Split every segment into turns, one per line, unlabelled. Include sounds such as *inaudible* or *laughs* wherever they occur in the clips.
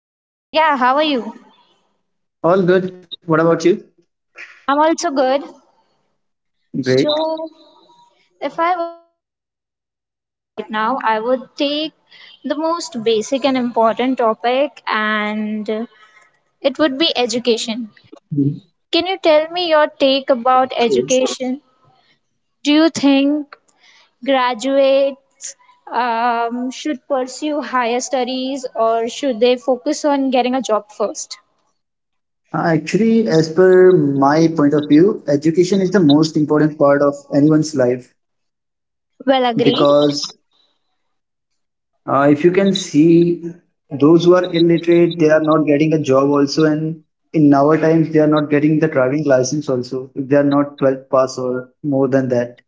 Hi.
Yeah, how are you?
All good. What about you?
I'm also good. So,
Great.
if I right now, I would take the most basic and important topic, and it would be education.
Mhm.
Can you tell me your take about
Same.
education? Do you think graduates should pursue higher studies or should they focus on getting a job first?
Actually, as per my point of view, education is the most important part of anyone's life
Well, agreed.
because if you can see those who are illiterate, they are not getting a job also, and in our times, they are not getting the driving license also if they are not 12 pass or more than that.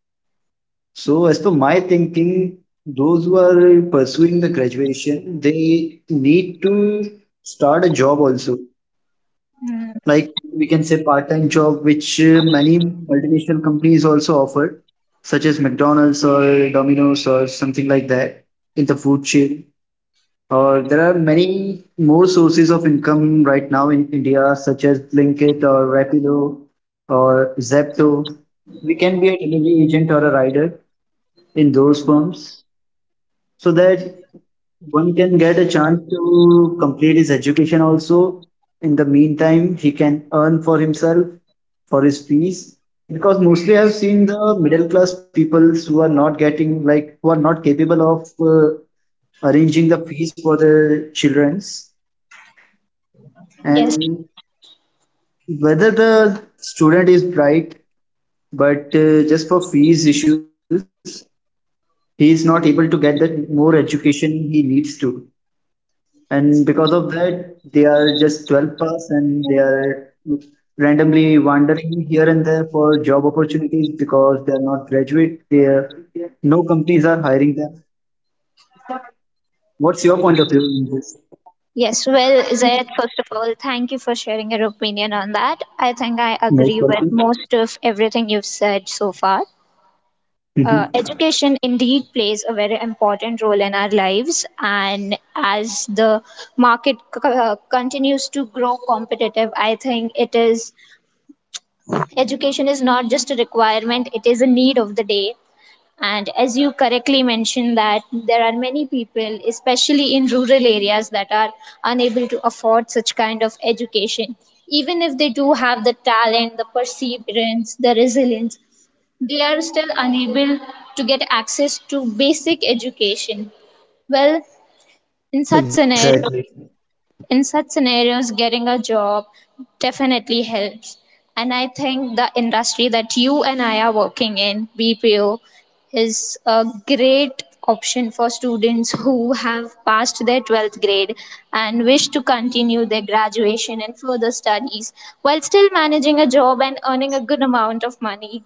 So, as per my thinking, those who are pursuing the graduation, they need to start a job also.
Hmm,
Like we can say part-time job, which many multinational companies also offer, such as McDonald's or Domino's or something like that in the food chain. Or there are many more sources of income right now in India, such as Blinkit or Rapido or Zepto. We can be a delivery agent or a rider in those firms so that one can get a chance to complete his education also. In the meantime he can earn for himself for his fees because mostly I've seen the middle class peoples who are not getting, like, who are not capable of uh, arranging the fees for their children's.
yes.
And whether the student is bright but just for fees issues he is not able to get that more education he needs to. And because of that they are just 12 plus and they are randomly wandering here and there for job opportunities because they are not graduate, they are, no companies are hiring them. What's your point of view in this?
Yes, well, Zayed, first of all, thank you for sharing your opinion on that. I think I agree
Most
with
welcome.
most of everything you've said so far.
Hmm.
Education indeed plays a very important role in our lives, and as the market continues to grow competitive, I think it is education is not just a requirement; it is a need of the day, and as you correctly mentioned that there are many people, especially in rural areas, that are unable to afford such kind of education. Even if they do have the talent, the perseverance, the resilience, they are still unable to get access to basic education. Well, in such scenario,
Exactly.
in such scenarios, getting a job definitely helps, and I think the industry that you and I are working in, BPO, is a great option for students who have passed their 12th grade and wish to continue their graduation and further studies while still managing a job and earning a good amount of money.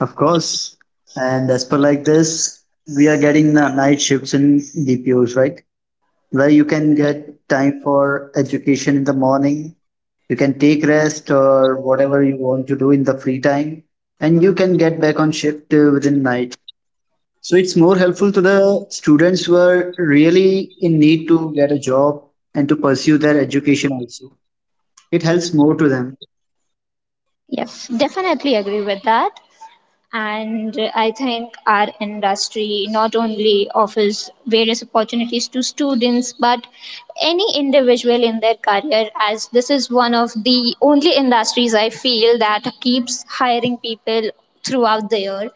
Of course. And as per like this we are getting the night shifts in dpos, right? Where you can get time for education in the morning. You can take rest or whatever you want to do in the free time, and you can get back on shift within night. So it's more helpful to the students who are really in need to get a job and to pursue their education also. It helps more to them.
Yes, definitely agree with that. And I think our industry not only offers various opportunities to students but any individual in their career, as this is one of the only industries I feel that keeps hiring people throughout the year.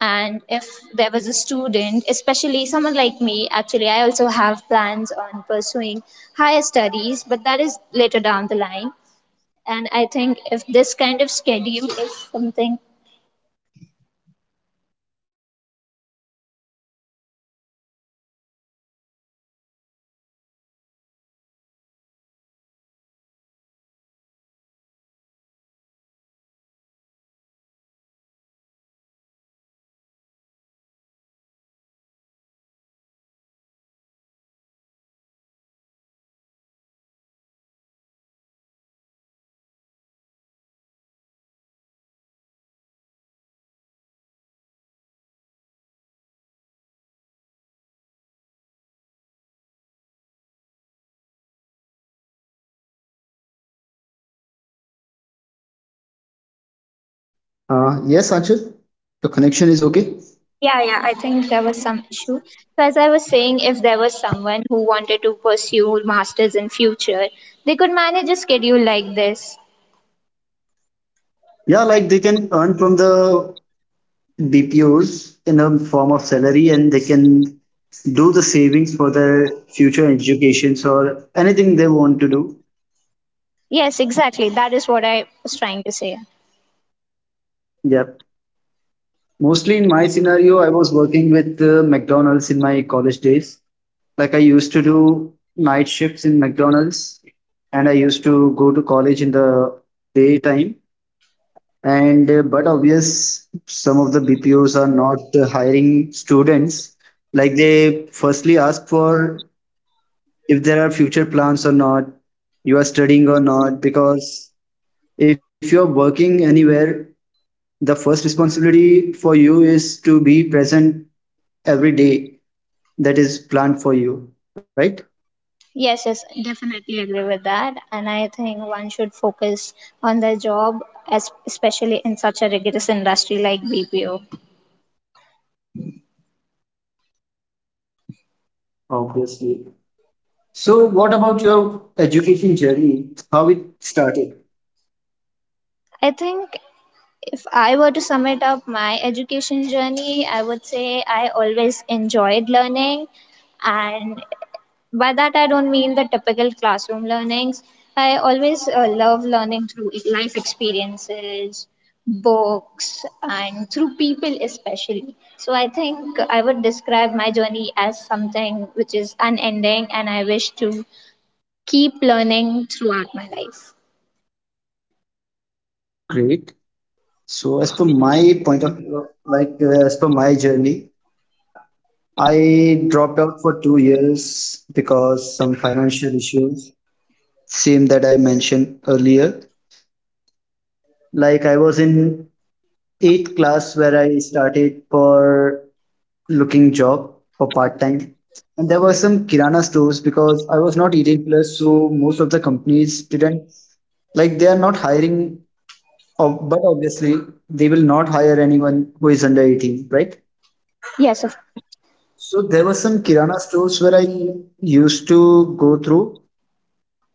And if there was a student, especially someone like me, actually I also have plans on pursuing higher studies, but that is later down the line. And I think if this kind of schedule is something.
Yes, Achal, the connection is okay.
Yeah, yeah, I think there was some issue. So as I was saying, if there was someone who wanted to pursue masters in future, they could manage a schedule like this.
Yeah, like they can earn from the BPOs in the form of salary and they can do the savings for their future educations or anything they want to do.
Yes, exactly. That is what I was trying to say.
Yep. Mostly in my scenario, I was working with McDonald's in my college days. Like I used to do night shifts in McDonald's and I used to go to college in the daytime. And but obvious, some of the BPOs are not hiring students. Like they firstly ask for if there are future plans or not, you are studying or not. Because if you're working anywhere, the first responsibility for you is to be present every day that is planned for you, right?
Yes, yes, definitely agree with that. And I think one should focus on their job, as especially in such a rigorous industry like BPO.
Obviously. So, what about your education journey? How it started?
I think if I were to sum it up, my education journey, I would say I always enjoyed learning. And by that, I don't mean the typical classroom learnings. I always love learning through life experiences, books, and through people, especially. So, I think I would describe my journey as something which is unending, and I wish to keep learning throughout my life.
Great. So, as per my point of view, like as per my journey, I dropped out for 2 years because some financial issues, same that I mentioned earlier. Like I was in eighth class where I started for looking job for part time. And there were some Kirana stores because I was not 18 plus, so most of the companies didn't, like they are not hiring, but obviously they will not hire anyone who is under 18, right?
Yes, of.
So there were some Kirana stores where I used to go through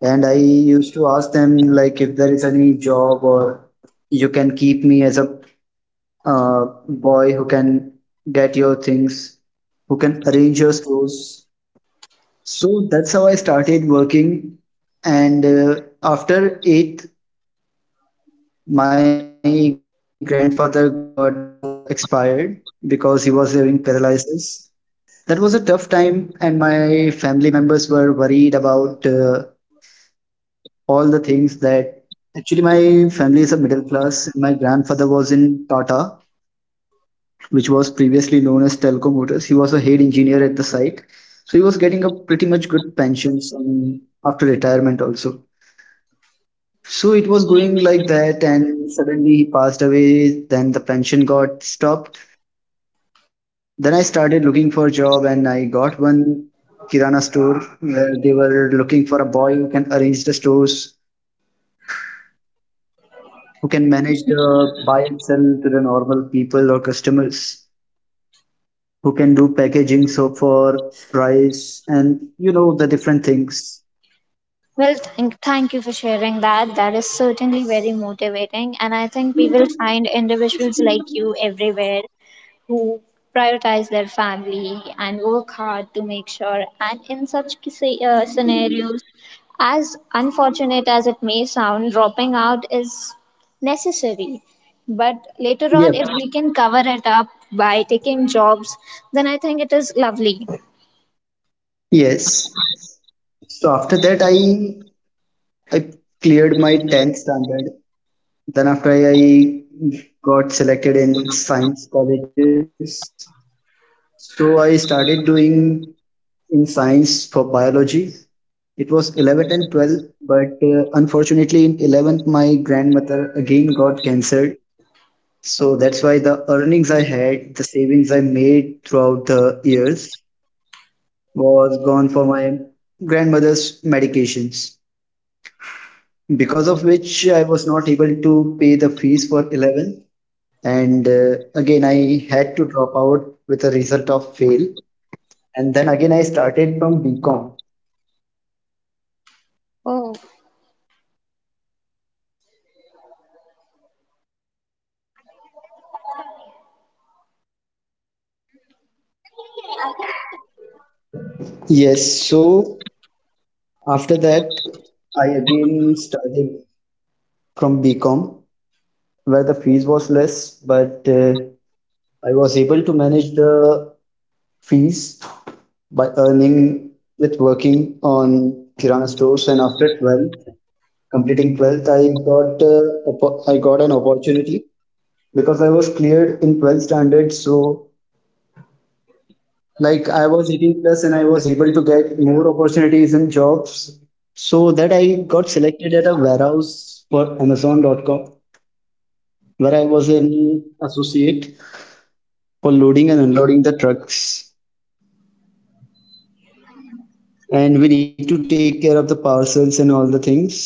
and I used to ask them like if there is any job or you can keep me as a boy who can get your things, who can arrange your stores. So that's how I started working. And after eighth, my grandfather got expired because he was having paralysis. That was a tough time, and my family members were worried about all the things that actually my family is a middle class. My grandfather was in Tata, which was previously known as Telco Motors. He was a head engineer at the site. So he was getting a pretty much good pensions some- after retirement also. So it was going like that, and suddenly he passed away. Then the pension got stopped. Then I started looking for a job, and I got one Kirana store where they were looking for a boy who can arrange the stores, who can manage the buy and sell to the normal people or customers, who can do packaging so for price and you know the different things.
Well, thank you for sharing that. That is certainly very motivating. And I think we will find individuals like you everywhere who prioritize their family and work hard to make sure. And in such scenarios, as unfortunate as it may sound, dropping out is necessary. But later on, if
Yep.
we can cover it up by taking jobs, then I think it is lovely.
Yes, so after that I cleared my 10th standard. Then after I got selected in science colleges, so I started doing in science for biology. It was 11th and 12th but unfortunately in 11th my grandmother again got cancer. So that's why the earnings I had, the savings I made throughout the years was gone for my grandmother's medications, because of which I was not able to pay the fees for 11. And again, I had to drop out with a result of fail. And then again, I started from BCom.
Oh,
Yes, so after that, I again started from BCom where the fees was less, but I was able to manage the fees by earning with working on Kirana stores. And after 12th, completing 12th, I got I got an opportunity because I was cleared in 12th standard. So like I was 18 plus and I was able to get more opportunities and jobs. So that I got selected at a warehouse for Amazon.com where I was an associate for loading and unloading the trucks. And we need to take care of the parcels and all the things.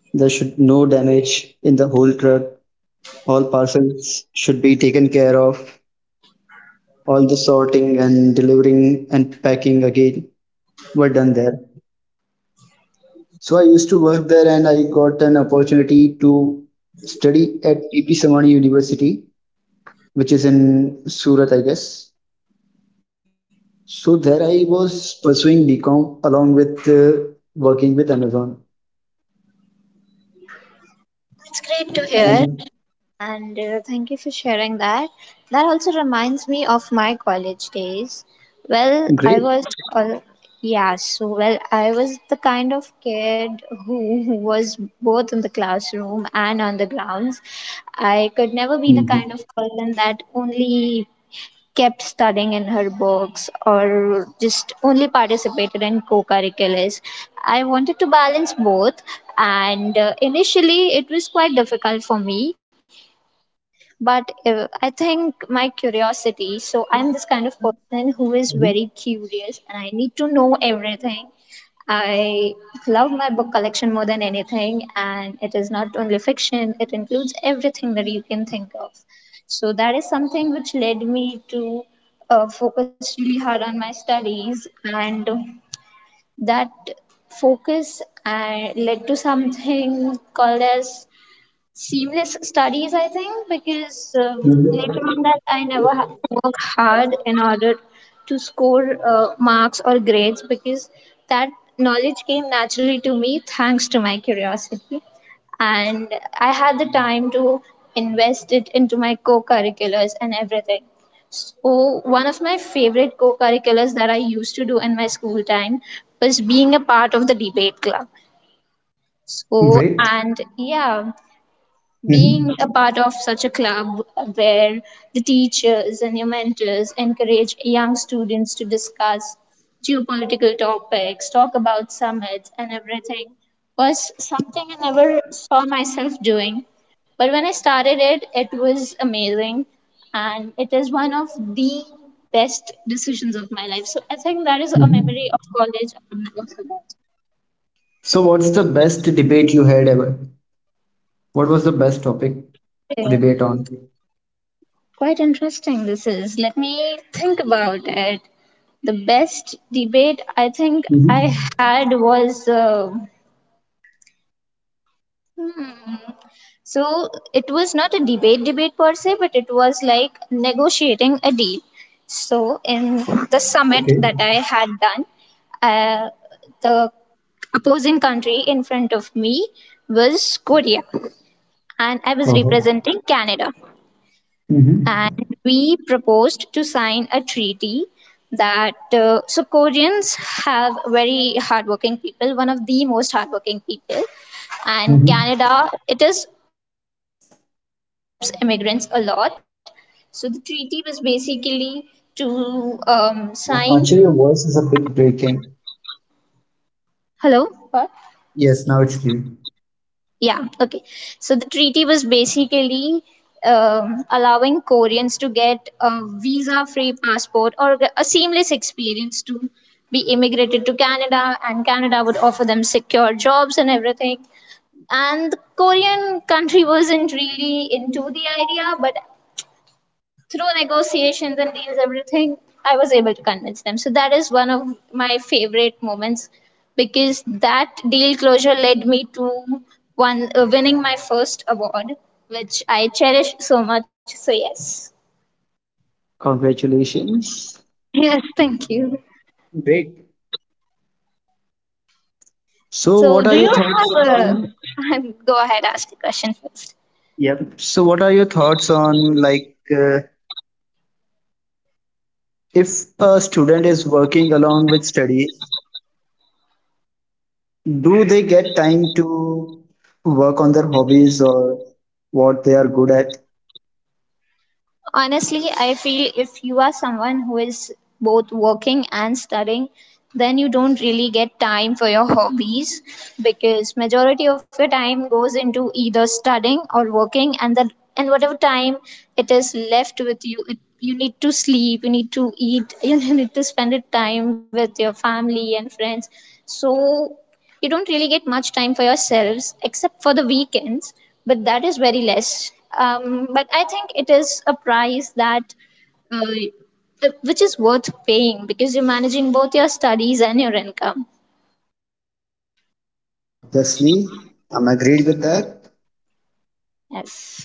There should no damage in the whole truck. All parcels should be taken care of. All the sorting and delivering and packing again were done there. So I used to work there and I got an opportunity to study at PP Samani University, which is in Surat, I guess. So there I was pursuing BCom along with working with Amazon.
it's great to hear.
And
And thank you for sharing that. That also reminds me of my college days. Well,
great.
uh, yeah, so well, I was the kind of kid who was both in the classroom and on the grounds. I could never be the
Mhm.
kind of person that only kept studying in her books or just only participated in co-curriculars. I wanted to balance both, and initially it was quite difficult for me, but I think my curiosity, so I'm this kind of person who is very curious and I need to know everything. I love my book collection more than anything, and it is not only fiction, it includes everything that you can think of. So that is something which led me to focus really hard on my studies, and that focus led to something called as seamless studies, I think, because
Mhm.
later on that I never had to work hard in order to score marks or grades because that knowledge came naturally to me thanks to my curiosity. And I had the time to invest it into my co curriculars and everything. So, one of my favorite co curriculars that I used to do in my school time was being a part of the debate club. So,
Great.
and yeah,
Mhm.
being a part of such a club where the teachers and your mentors encourage young students to discuss geopolitical topics, talk about summits and everything was something I never saw myself doing. But when I started it, it was amazing, and it is one of the best decisions of my life. So I think that is a memory of college I will never
So, what's the best debate you had ever? What was the best topic
forget.
to debate on?
Quite interesting, this is. Let me think about it. The best debate I think I
Mm-hmm.
had was. Hmm, so it was not a debate debate per se, but it was like negotiating a deal. So in the summit
Okay.
that I had done, uh, the opposing country in front of me was Korea, and I was
Uh-huh.
representing Canada. And
Mm-hmm.
we proposed to sign a treaty that so Koreans have very hardworking people, one of the most hardworking people, and
Mm-hmm.
Canada, it is immigrants a lot. So the treaty was basically to sign.
Actually, your voice is a bit breaking.
Hello. What?
Yes, now it's clear.
Yeah, okay. So the treaty was basically allowing Koreans to get a visa free passport or a seamless experience to be immigrated to Canada, and Canada would offer them secure jobs and everything. And the Korean country wasn't really into the idea, but through negotiations and deals everything, I was able to convince them. So that is one of my favorite moments, because that deal closure led me to one winning my first award, which I cherish so much. So yes.
Congratulations.
Yes, thank you.
Great. So,
So,
what are
do
your
you
thoughts? So,
have a *laughs* go ahead, ask the question first.
yep. So, what are your thoughts on, like, if a student is working along with studies, do they get time to work on their hobbies or what they are good at?
Honestly, I feel if you are someone who is both working and studying, then you don't really get time for your *laughs* hobbies, because majority of your time goes into either studying or working, and then and whatever time it is left with you it, you need to sleep, you need to eat *laughs* you need to spend it time with your family and friends. So you don't really get much time for yourselves except for the weekends, but that is very less. But I think it is a price that uh, which is worth paying, because you're managing both your studies and your income.
Obviously, I'm agreed with that.
Yes.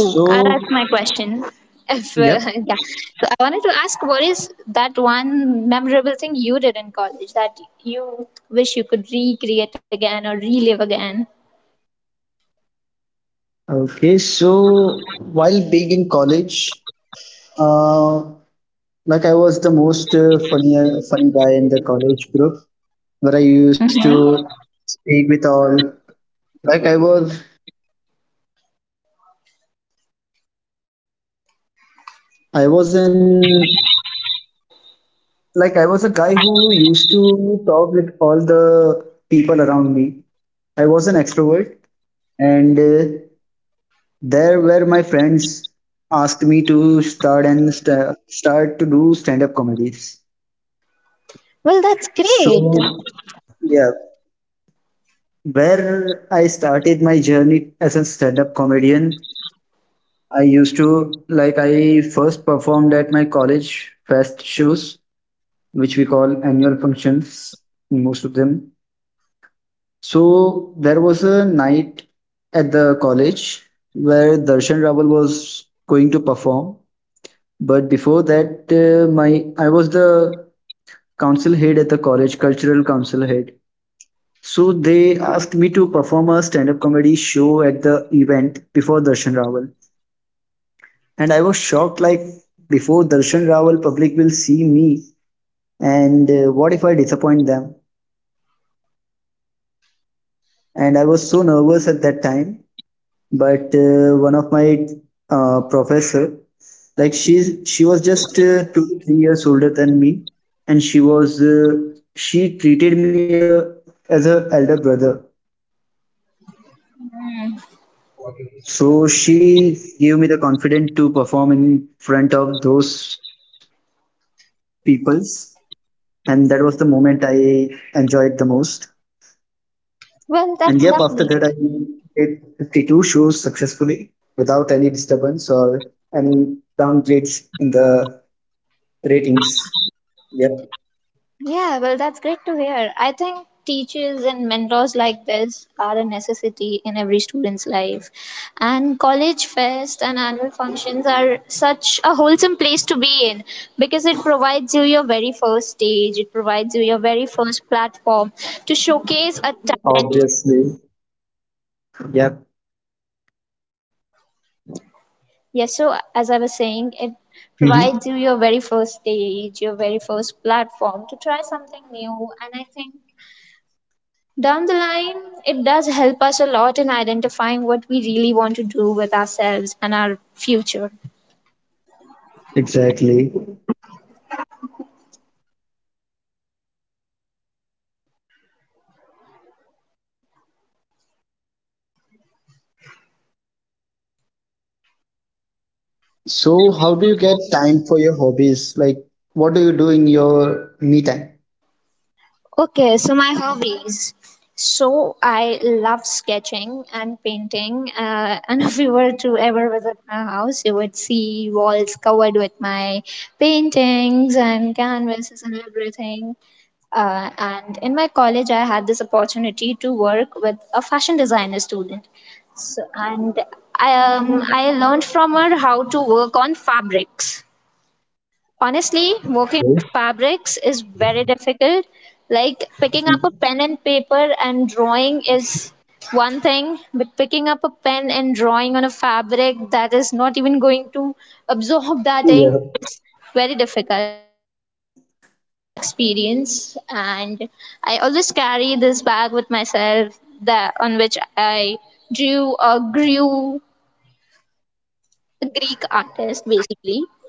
So,
I'll ask my question. If *laughs*
yep.
yeah, so I wanted to ask, what is that one memorable thing you did in college that you wish you could recreate again or relive again?
Okay, so while being in college, uh, like I was the most funny guy in the college group, where I used
Mm-hmm.
to speak with all. Like I was, I was in, like I was a guy who used to talk with all the people around me. I was an extrovert, and there were my friends asked me to start and start to do stand up comedies. So yeah, where I started my journey as a stand up comedian. I used to like I first performed at my college fest shows, which we call annual functions, most of them. So there was a night at the college where Darshan Rawal was going to perform. But before that, my I was the council head at the college, cultural council head. So they asked me to perform a stand-up comedy show at the event before Darshan Rawal, and I was shocked. Like before Darshan Rawal, public will see me, and what if I disappoint them? And I was so nervous at that time but one of my professor, like she was just 2 to 3 years older than me and she was she treated me as a elder brother, so she gave me the confidence to perform in front of those peoples. And that was the moment I enjoyed the most.
Well,
And
that's
yep, after
lovely.
that I did 52 shows successfully without any disturbance or any downgrades in the ratings. Yep.
Yeah, well, that's great to hear. I think teachers and mentors like this are a necessity in every student's life. And college fest and annual functions are such a wholesome place to be in, because it provides you your very first stage, it provides you your very first platform to showcase a talent.
Obviously. Yep.
Yes, so as I was saying, it provides you
Mhm.
your very first stage, your very first platform to try something new. And I think down the line, it does help us a lot in identifying what we really want to do with ourselves and our future.
Exactly. So, how do you get time for your hobbies? Like, what do you do in your me time?
Okay, so my hobbies. So I love sketching and painting. *laughs* And if you were to ever visit my house, you would see walls covered with my paintings and canvases and everything. And in my college, I had this opportunity to work with a fashion designer student. So, and I learned from her how to work on fabrics. Honestly, working with
Okay.
fabrics is very difficult. Like picking up a pen and paper and drawing is one thing, but picking up a pen and drawing on a fabric that is not even going to absorb that ink
Yeah.
is very difficult experience. And I always carry this bag with myself that on which I drew or grew a Greek artist basically.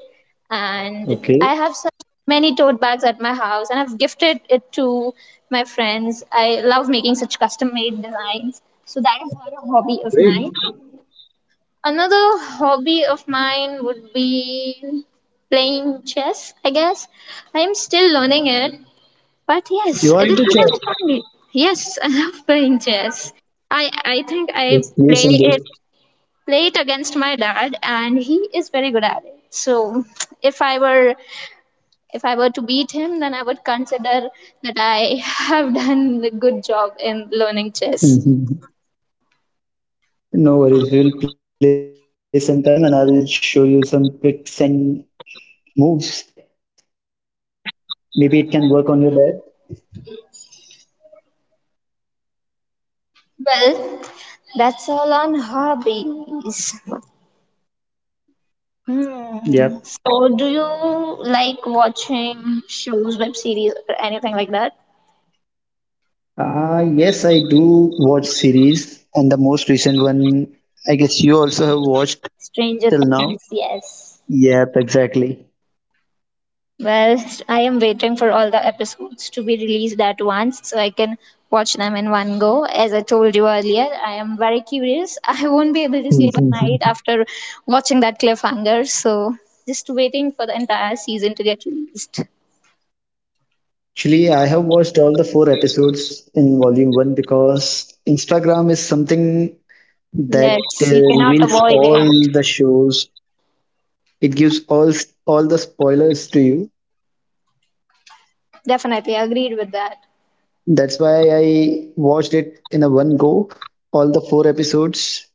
And I have
Okay.
such many tote bags at my house, and I've gifted it to my friends. I love making such custom-made designs, so that is one hobby of
Great.
mine. Another hobby of mine would be playing chess. I guess I am still learning it, but yes,
You are
it is
into
it
chess.
is fun. Yes, *laughs* I love playing chess. I think
Let's
I
play
play
someday.
it play it against my dad, and he is very good at it. So if I were if I were to beat him, then I would consider that I *laughs* have done a good job in learning chess.
Mhm. No worries. We'll play sometime and I will show you some tricks and moves. Maybe it can work on your dad.
Well, that's all on hobbies. Hmm. So,
Yep.
do you like watching shows, web series, or anything like that?
Yes, I do watch series, and the most recent one, I guess you also have watched
Stranger
till now.
Things, yes.
Yep, exactly.
Well, I am waiting for all the episodes to be released at once so I can watch them in one go. As I told you earlier, I am very curious. *laughs* I won't be able to sleep at night
*laughs*
after watching that cliffhanger. So, just waiting for the entire season to get released.
Actually, I have watched all the four episodes in volume one because Instagram is something
Yes,
that
you cannot
reveals
avoid it.
all the shows. It gives all the spoilers to you.
Definitely agreed with that.
That's why I watched it in a one go, all the four episodes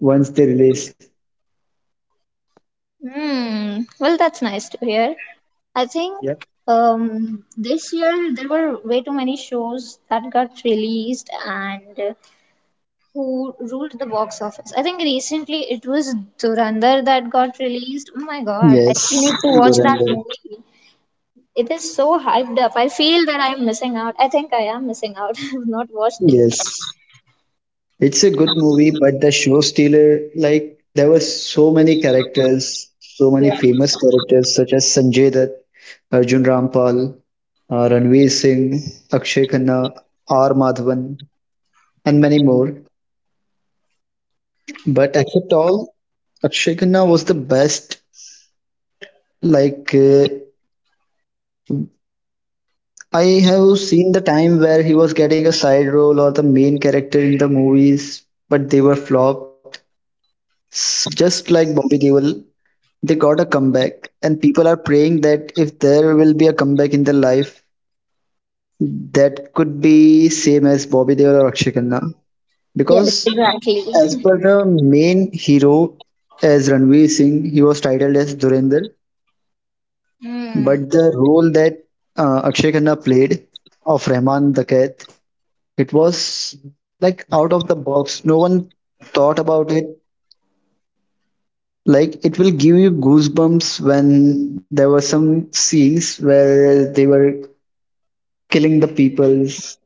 once they released.
Hmm. Well, that's nice to hear. I think
Yep.
this year there were way too many shows that got released, and who ruled the box office. I think recently it was Durandar that got released. Oh my god, I still
Yes,
need to watch that
Durandar.
movie. It is so hyped up. I feel that I'm missing out. I think I am missing out. *laughs* I've not watched it.
Yes. It's a good movie, but the show stealer, like there were so many characters, so many famous characters such as Sanjay Dutt, Arjun Rampal, Ranveer Singh, Akshay Khanna, R. Madhavan, and many more. But except all, Akshay Khanna was the best. Like uh, I have seen the time where he was getting a side role or the main character in the movies, but they were flopped. Just like Bobby Deol, they got a comeback, and people are praying that if there will be a comeback in their life, that could be same as Bobby Deol or Akshay Khanna.
Yes,
Because
exactly.
as
*laughs*
per the main hero as Ranveer Singh, he was titled as Durinder,
Hmm.
but the role that Akshay Khanna played of Rahman Dakat, it was like out of the box. No one thought about it. Like it will give you goosebumps when there were some scenes where they were killing the peoples.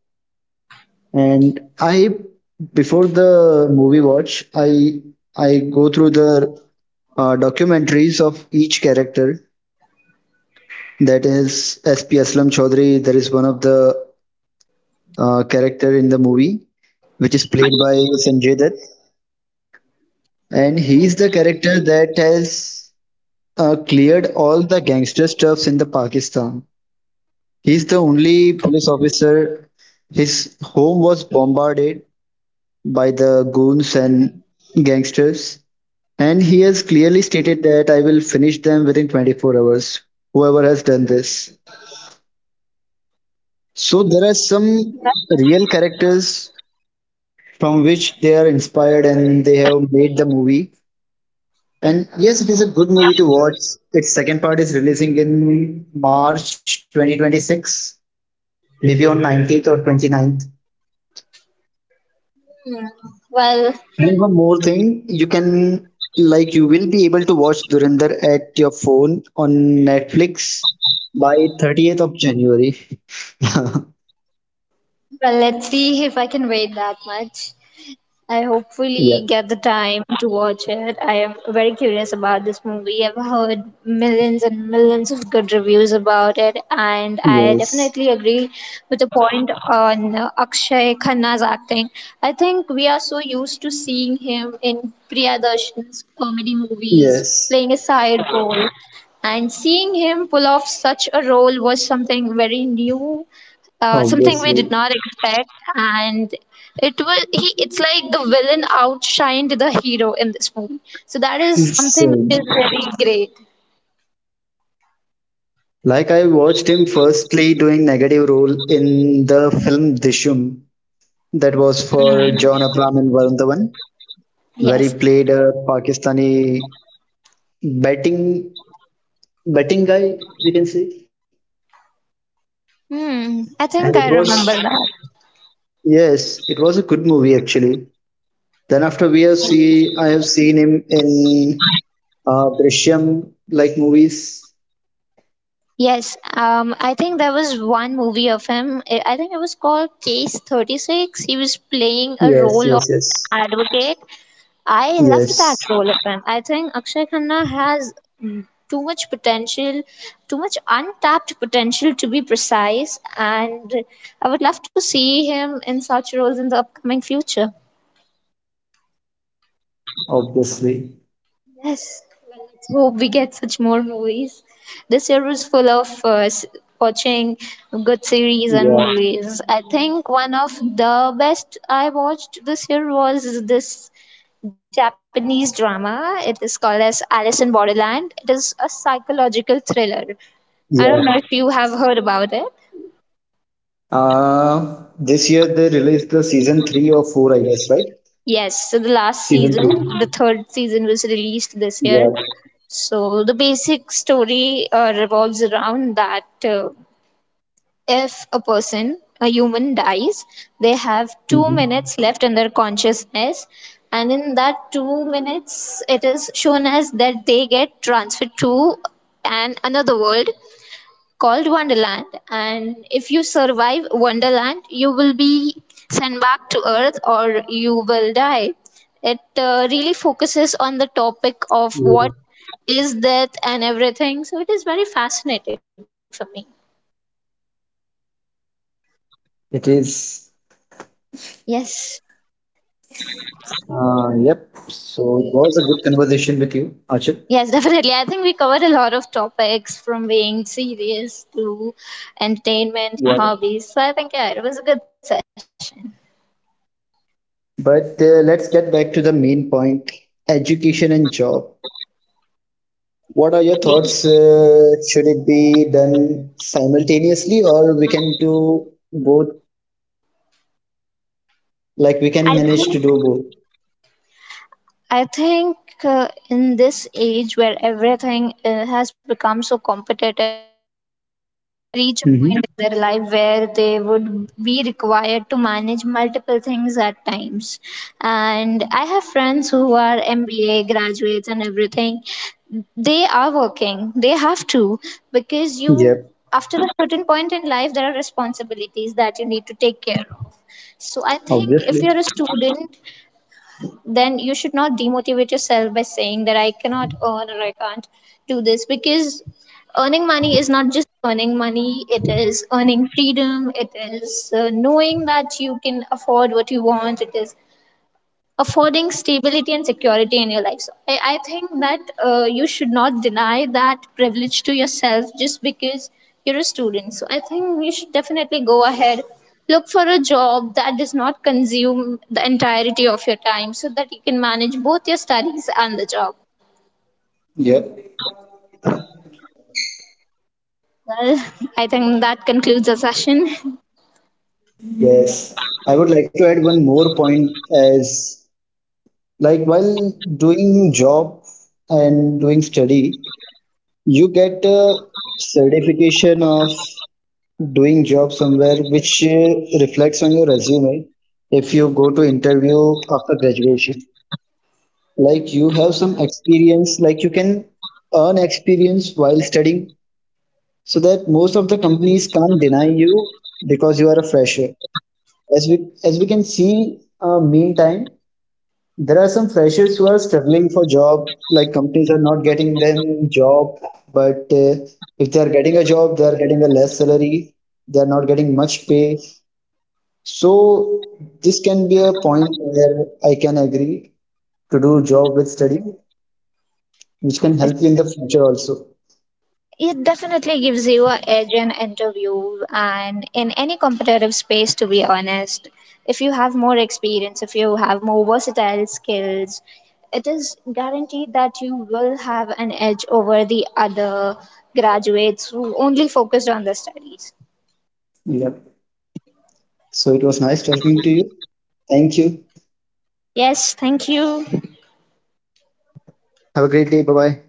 And I before the movie watch i i go through the documentaries of each character, that is sp Aslam Chaudhary. There is one of the character in the movie, which is played by Sanjay Dutt, and he is the character that has cleared all the gangster stuffs in the Pakistan. He is the only police officer. His home was bombarded by the goons and gangsters. And he has clearly stated that I will finish them within 24 hours, whoever has done this. So there are some real characters from which they are inspired and they have made the movie. And yes, it is a good movie to watch. Its second part is releasing in March 2026, maybe on 19th or 29th.
Hmm. Well,
And one more thing, you can like you will be able to watch Durandar at your phone on Netflix by 30th of January. *laughs*
well, let's see if I can wait that much. I hopefully get the
Yeah.
time to watch it. I am very curious about this movie. I've heard millions and millions of good reviews about it, and I definitely agree with the
Yes.
point on Akshay Khanna's acting. I think we are so used to seeing him in Priyadarshan's comedy movies, playing a
Yes.
side role, and seeing him pull off such a role was something very new, something we did not
Obviously.
expect, and it was he it's like the villain outshined the hero in this movie, so that is something which is
Same.
very great.
Like I watched him firstly doing negative role in the film Dishum, that was for John Abram and Varun Dhawan, where
Yes,
he
of course.
played a Pakistani batting batting guy, we can say.
Hmm, I
And it
think I
was,
remember that.
yes, it was a good movie actually. Then after we have see, I have seen him in Drishyam like movies.
Yes, I think there was one movie of him, I think it was called case 36. He was playing a
Yes,
role of
yes, yes,
advocate. I loved that
yes.
role of him. I think Akshay Khanna has, too much potential, too much untapped potential to be precise, and I would love to see him in such roles in the upcoming future.
Obviously,
Yes, well, let's hope we get such more movies. This year was full of watching good series
yeah,
and movies. I think one of the best I watched this year was this Japanese drama. It is called as Alice in Borderland. It is a psychological thriller. I don't know if
yeah.
you have heard about it.
This year they released the season three or four, I guess, right?
Yes, so the last
Season
season, the
three.
third season was released this year.
Yeah.
So the basic story revolves around that. Uh, if a person, a human dies, they have 2 minutes
Mhm.
left in their consciousness, and in that 2 minutes, it is shown as that they get transferred to an another world called Wonderland. And if you survive Wonderland, you will be sent back to Earth or you will die. It really focuses on the
Yeah.
topic of what is death and everything, so it is very fascinating for me.
It is.
Yes.
Yep. So it was a good conversation with you, Archit.
Yes, *laughs* definitely. I think we covered a lot of topics from being serious to
Yeah.
entertainment and hobbies. So I think yeah, it was a good session.
But let's get back to the main point, education and job. What are your thoughts? Should it be done simultaneously or we can do both? Like we can manage to do both.
I think in this age where everything has become so competitive, reach a
Mm-hmm.
point in their life where they would be required to manage multiple things at times, and I have friends who are MBA graduates and everything. They are working, they have to, because you,
Yep,
after a certain point in life there are responsibilities that you need to take care of. So I think if you're a
obviously.
student, then you should not demotivate yourself by saying that I cannot earn or I can't do this, because earning money is not just earning money, it is earning freedom, it is knowing that you can afford what you want, it is affording stability and security in your life. So I think that you should not deny that privilege to yourself just because you're a student. So I think you should definitely go ahead, look for a job that does not consume the entirety of your time so that you can manage both your studies and the job.
Yep.
Well, *laughs* I think that concludes our session.
Yes. I would like to add one more point, as like while doing job and doing study, you get a certification of doing job somewhere, which reflects on your resume. If you go to interview after graduation, like you have some experience, like you can earn experience while studying, so that most of the companies can't deny you because you are a fresher. As we can see meantime, there are some freshers who are struggling for job, like companies are not getting them job. But if they are getting a job, they are getting a less salary, they are not getting much pay. So this can be a point where I can agree to do job with study, which can help you in the future also.
It definitely gives you an edge in interview and in any competitive space, to be honest. If you have more experience, if you have more versatile skills, it is guaranteed that you will have an edge over the other graduates who only focused on the studies.
Yeah. So it was nice talking to you. Thank you.
Yes, thank you.
Have a great day. Bye bye.